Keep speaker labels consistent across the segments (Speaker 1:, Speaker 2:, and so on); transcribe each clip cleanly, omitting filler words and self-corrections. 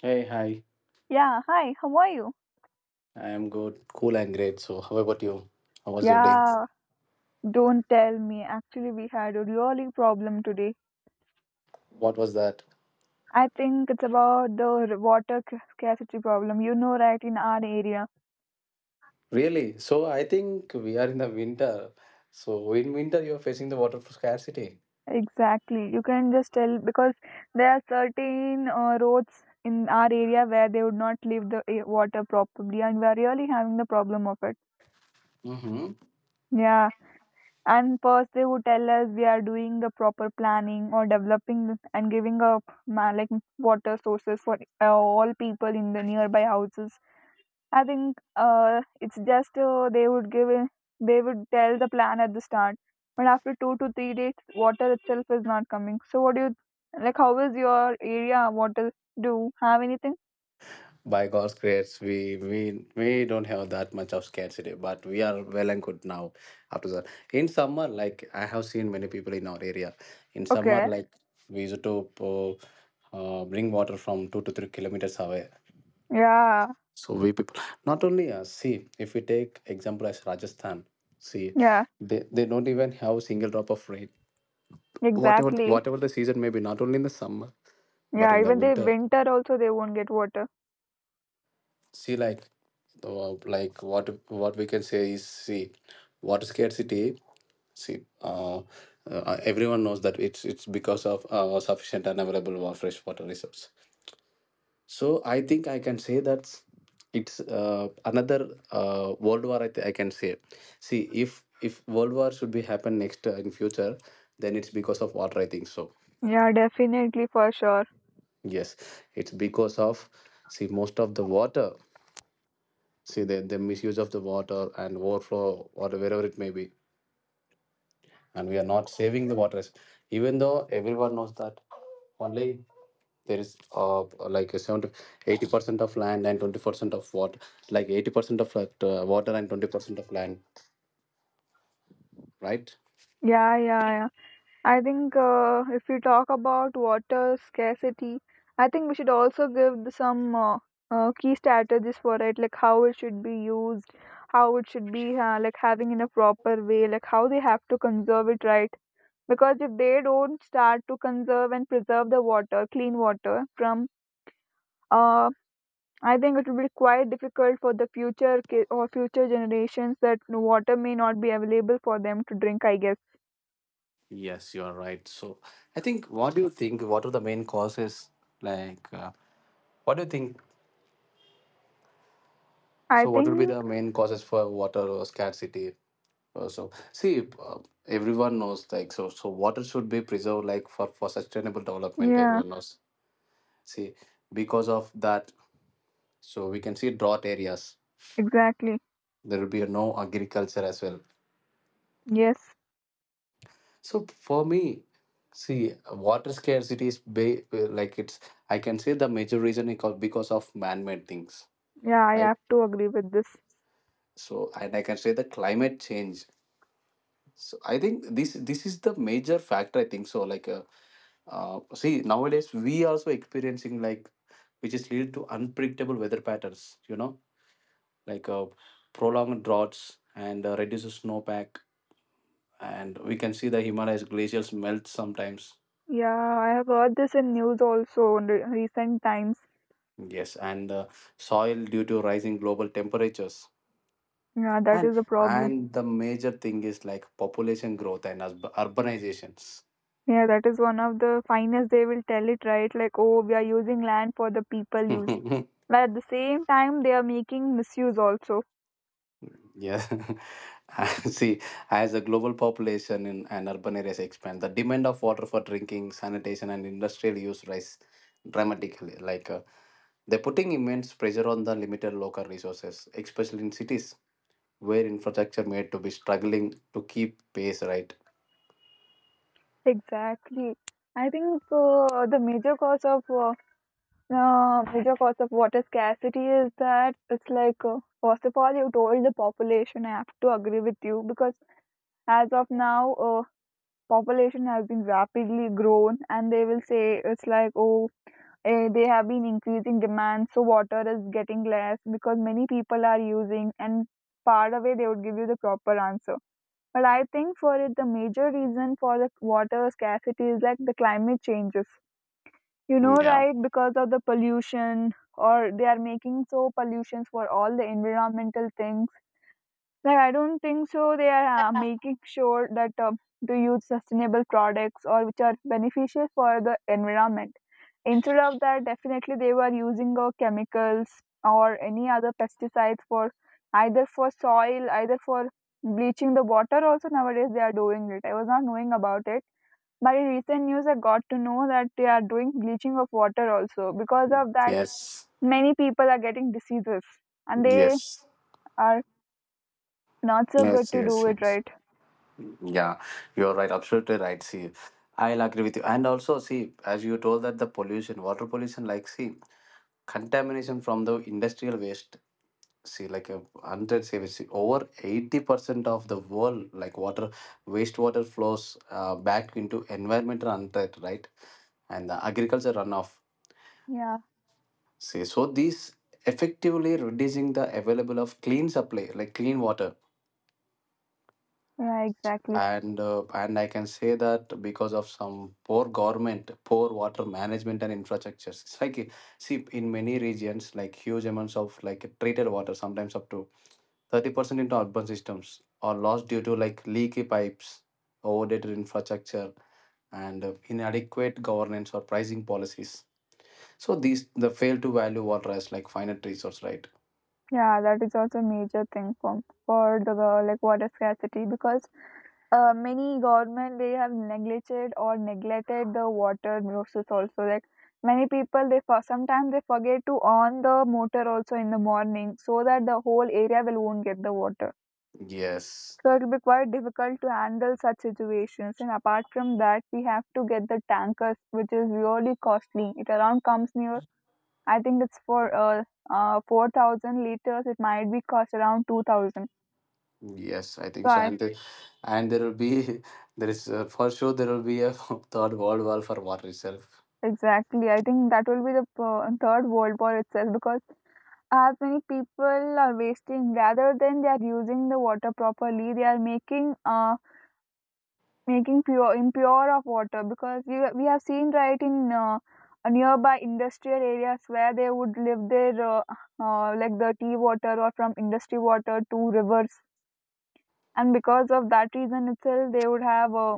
Speaker 1: Hey, hi.
Speaker 2: Yeah, hi, how are you?
Speaker 1: I am good, cool, and great. So, how about you? How was your day?
Speaker 2: Yeah, don't tell me. Actually, we had a really problem today.
Speaker 1: What was that?
Speaker 2: I think it's about the water scarcity problem. You know, right, in our area.
Speaker 1: Really? So, I think we are in the winter. So, in winter, you're facing the water scarcity.
Speaker 2: Exactly. You can just tell because there are certain roads in our area where they would not leave the water properly, and we are really having the problem of it.
Speaker 1: Mm-hmm.
Speaker 2: Yeah. And first, they would tell us we are doing the proper planning or developing and giving up like water sources for all people in the nearby houses. I think it's just they would give in, they would tell the plan at the start, but after 2 to 3 days, water itself is not coming. So, what do you like? How is your area water? Do you have anything?
Speaker 1: By God's grace, we don't have that much of scarcity, but we are well and good now. After that, in summer, like I have seen many people in our area, in summer,
Speaker 2: Okay.
Speaker 1: like we used to bring water from 2 to 3 kilometers away.
Speaker 2: Yeah.
Speaker 1: So we people, not only us, see, if we take example as Rajasthan, see,
Speaker 2: Yeah.
Speaker 1: they don't even have a single drop of rain.
Speaker 2: Exactly.
Speaker 1: Whatever the season may be, not only in the summer, but
Speaker 2: Yeah.
Speaker 1: in the
Speaker 2: Even they
Speaker 1: winter.
Speaker 2: winter also they won't get water.
Speaker 1: See, like what we can say is, see, water scarcity. See, everyone knows that it's because of sufficient and available fresh water resources. So I think I can say that it's another world war. I can say, see, if world war should be happen next in future, then it's because of water. I think so.
Speaker 2: Yeah. Definitely for sure.
Speaker 1: Yes, it's because of, see, most of the water. See the misuse of the water and overflow or wherever it may be, and we are not saving the waters. Even though everyone knows that only there is like a 70, 80% of land and 20 percent of water, like 80 percent of like, water and 20 percent of land, right?
Speaker 2: Yeah, yeah, yeah. I think if we talk about water scarcity, I think we should also give some key strategies for it, like how it should be used, how it should be like having in a proper way, like how they have to conserve it right. Because if they don't start to conserve and preserve the water, clean water from, uh, I think it will be quite difficult for the future or future generations that water may not be available for them to drink, I guess.
Speaker 1: Yes, you are right. So I think, what do you think, what are the main causes, like what do you think,
Speaker 2: I
Speaker 1: so what would be
Speaker 2: think.
Speaker 1: the main causes for water scarcity? So see, uh, everyone knows like so so water should be preserved like for sustainable development,
Speaker 2: Yeah.
Speaker 1: everyone knows, see, because of that, so we can see drought areas,
Speaker 2: Exactly.
Speaker 1: there will be no agriculture as well.
Speaker 2: Yes.
Speaker 1: So for me, see, water scarcity is like it's, I can say the major reason is called because of man-made things,
Speaker 2: Yeah, I
Speaker 1: right?
Speaker 2: have to agree with this.
Speaker 1: So and I can say the climate change. So I think this is the major factor. I think so. Like, see, nowadays we also experiencing like which is lead to unpredictable weather patterns. You know, like prolonged droughts and reduces snowpack, and we can see the Himalayas glaciers melt sometimes.
Speaker 2: Yeah, I have heard this in news also in recent times.
Speaker 1: Yes, and the soil due to rising global temperatures.
Speaker 2: Yeah, that
Speaker 1: And
Speaker 2: is a problem.
Speaker 1: and the major thing is like population growth and urbanizations.
Speaker 2: Yeah, that is one of the finest they will tell it, right? Like, oh, we are using land for the people use. But at the same time, they are making misuse also.
Speaker 1: Yeah. See, as the global population in, and urban areas expand, the demand of water for drinking, sanitation, and industrial use rise dramatically. Like they're putting immense pressure on the limited local resources, especially in cities where infrastructure made to be struggling to keep pace. Right.
Speaker 2: Exactly. I think the major cause of water scarcity is that it's like first of all you told the population. I have to agree with you because as of now, population has been rapidly grown, and they will say it's like, oh, they have been increasing demand, so water is getting less because many people are using, and far away they would give you the proper answer. But I think for it, the major reason for the water scarcity is like the climate changes, you
Speaker 1: Mm,
Speaker 2: know,
Speaker 1: yeah.
Speaker 2: right? Because of the pollution, or they are making so pollutions for all the environmental things, like, I don't think so. They are making sure that to use sustainable products or which are beneficial for the environment. Instead of that, definitely they were using chemicals or any other pesticides for either for soil, either for bleaching the water. Also nowadays they are doing it. I was not knowing about it, but in recent news I got to know that they are doing bleaching of water also. Because of that,
Speaker 1: Yes.
Speaker 2: many people are getting diseases, and they
Speaker 1: Yes.
Speaker 2: are not so good
Speaker 1: Yes,
Speaker 2: to do
Speaker 1: yes,
Speaker 2: it,
Speaker 1: yes.
Speaker 2: right.
Speaker 1: Yeah, you're right. Absolutely right. See, I'll agree with you. And also, see, as you told that the pollution, water pollution, like, see, contamination from the industrial waste. See, like, a hundred, say, we see, over 80% of the world, like, water, wastewater flows back into environmental unthreat, right? And the agriculture runoff.
Speaker 2: Yeah.
Speaker 1: See, so these effectively reducing the available of clean supply, like clean water.
Speaker 2: Yeah, exactly.
Speaker 1: And and I can say that because of some poor government, poor water management and infrastructures, it's like see, in many regions like huge amounts of like treated water sometimes up to 30% into urban systems are lost due to like leaky pipes, overdated infrastructure, and inadequate governance or pricing policies. So these the fail to value water as like finite resource, right?
Speaker 2: Yeah, that is also a major thing for the like water scarcity because many government they have neglected or neglected the water sources also. Like many people they for sometimes they forget to on the motor also in the morning so that the whole area will won't get the water.
Speaker 1: Yes.
Speaker 2: So it will be quite difficult to handle such situations. And apart from that, we have to get the tankers, which is really costly. It around comes near, I think it's for 4,000 liters. It might be cost around 2,000.
Speaker 1: Yes, I
Speaker 2: So
Speaker 1: think so,
Speaker 2: I
Speaker 1: and and there will be there is for sure there will be a third world war for water itself.
Speaker 2: exactly. I think that will be the third world war itself because as many people are wasting rather than they are using the water properly. They are making making pure impure of water because we have seen, right? In nearby industrial areas where they would live their like the tea water or from industry water to rivers, and because of that reason itself they would have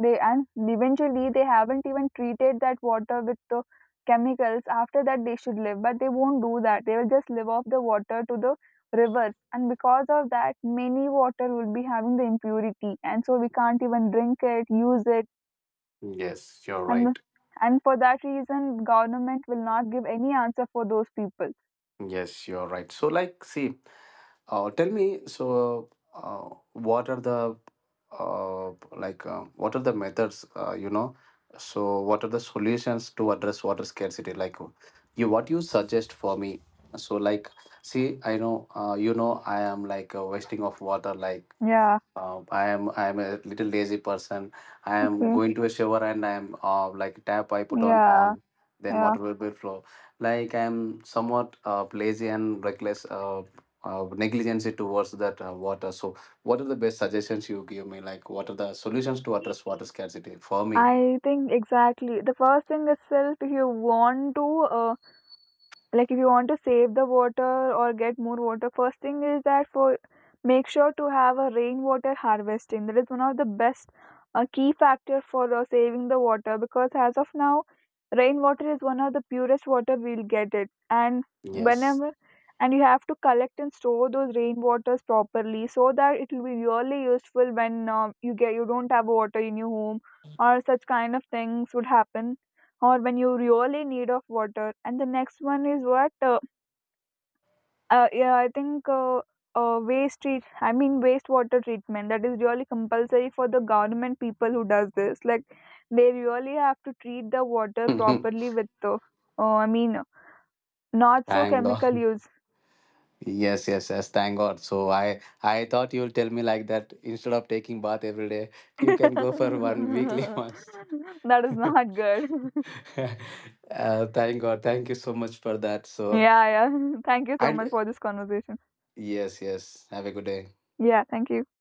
Speaker 2: they and eventually they haven't even treated that water with the chemicals. After that they should live, but they won't do that. They will just live off the water to the rivers, and because of that many water will be having the impurity, and so we can't even drink it, use it.
Speaker 1: Yes, you're
Speaker 2: and
Speaker 1: right.
Speaker 2: and for that reason government will not give any answer for those people.
Speaker 1: Yes, you're right. So, like, see, tell me, so what are the uh, like what are the methods? You know, so what are the solutions to address water scarcity? Like, you, what you suggest for me? So, like, see, I know, you know, I am like wasting of water, like
Speaker 2: Yeah.
Speaker 1: I am a little lazy person. I am
Speaker 2: Okay.
Speaker 1: going to a shower and I am like tap I put
Speaker 2: Yeah,
Speaker 1: on, then
Speaker 2: yeah,
Speaker 1: water will be flow. Like I am somewhat lazy and reckless, negligence towards that water. So, what are the best suggestions you give me? Like, what are the solutions to address water scarcity for me?
Speaker 2: I think exactly. The first thing itself, if you want to uh, like if you want to save the water or get more water, first thing is that for make sure to have a rainwater harvesting. That is one of the best key factor for saving the water, because as of now rainwater is one of the purest water we'll get it. And
Speaker 1: Yes.
Speaker 2: whenever, and you have to collect and store those rainwaters properly so that it will be really useful when you get you don't have water in your home, or such kind of things would happen, or when you really need of water. And the next one is what yeah, I think waste treat I mean wastewater treatment, that is really compulsory for the government people who does this. Like they really have to treat the water
Speaker 1: Thank
Speaker 2: properly with the I mean not so
Speaker 1: God.
Speaker 2: chemical use
Speaker 1: Yes, yes, yes. Thank God. So I thought you'll tell me like that. Instead of taking bath every day, you can go for one weekly
Speaker 2: that
Speaker 1: once.
Speaker 2: is not good.
Speaker 1: Thank God. Thank you so much for that. So,
Speaker 2: Yeah, yeah. Thank you so
Speaker 1: and
Speaker 2: much for this conversation.
Speaker 1: yes, yes. Have a good day.
Speaker 2: Yeah, thank you.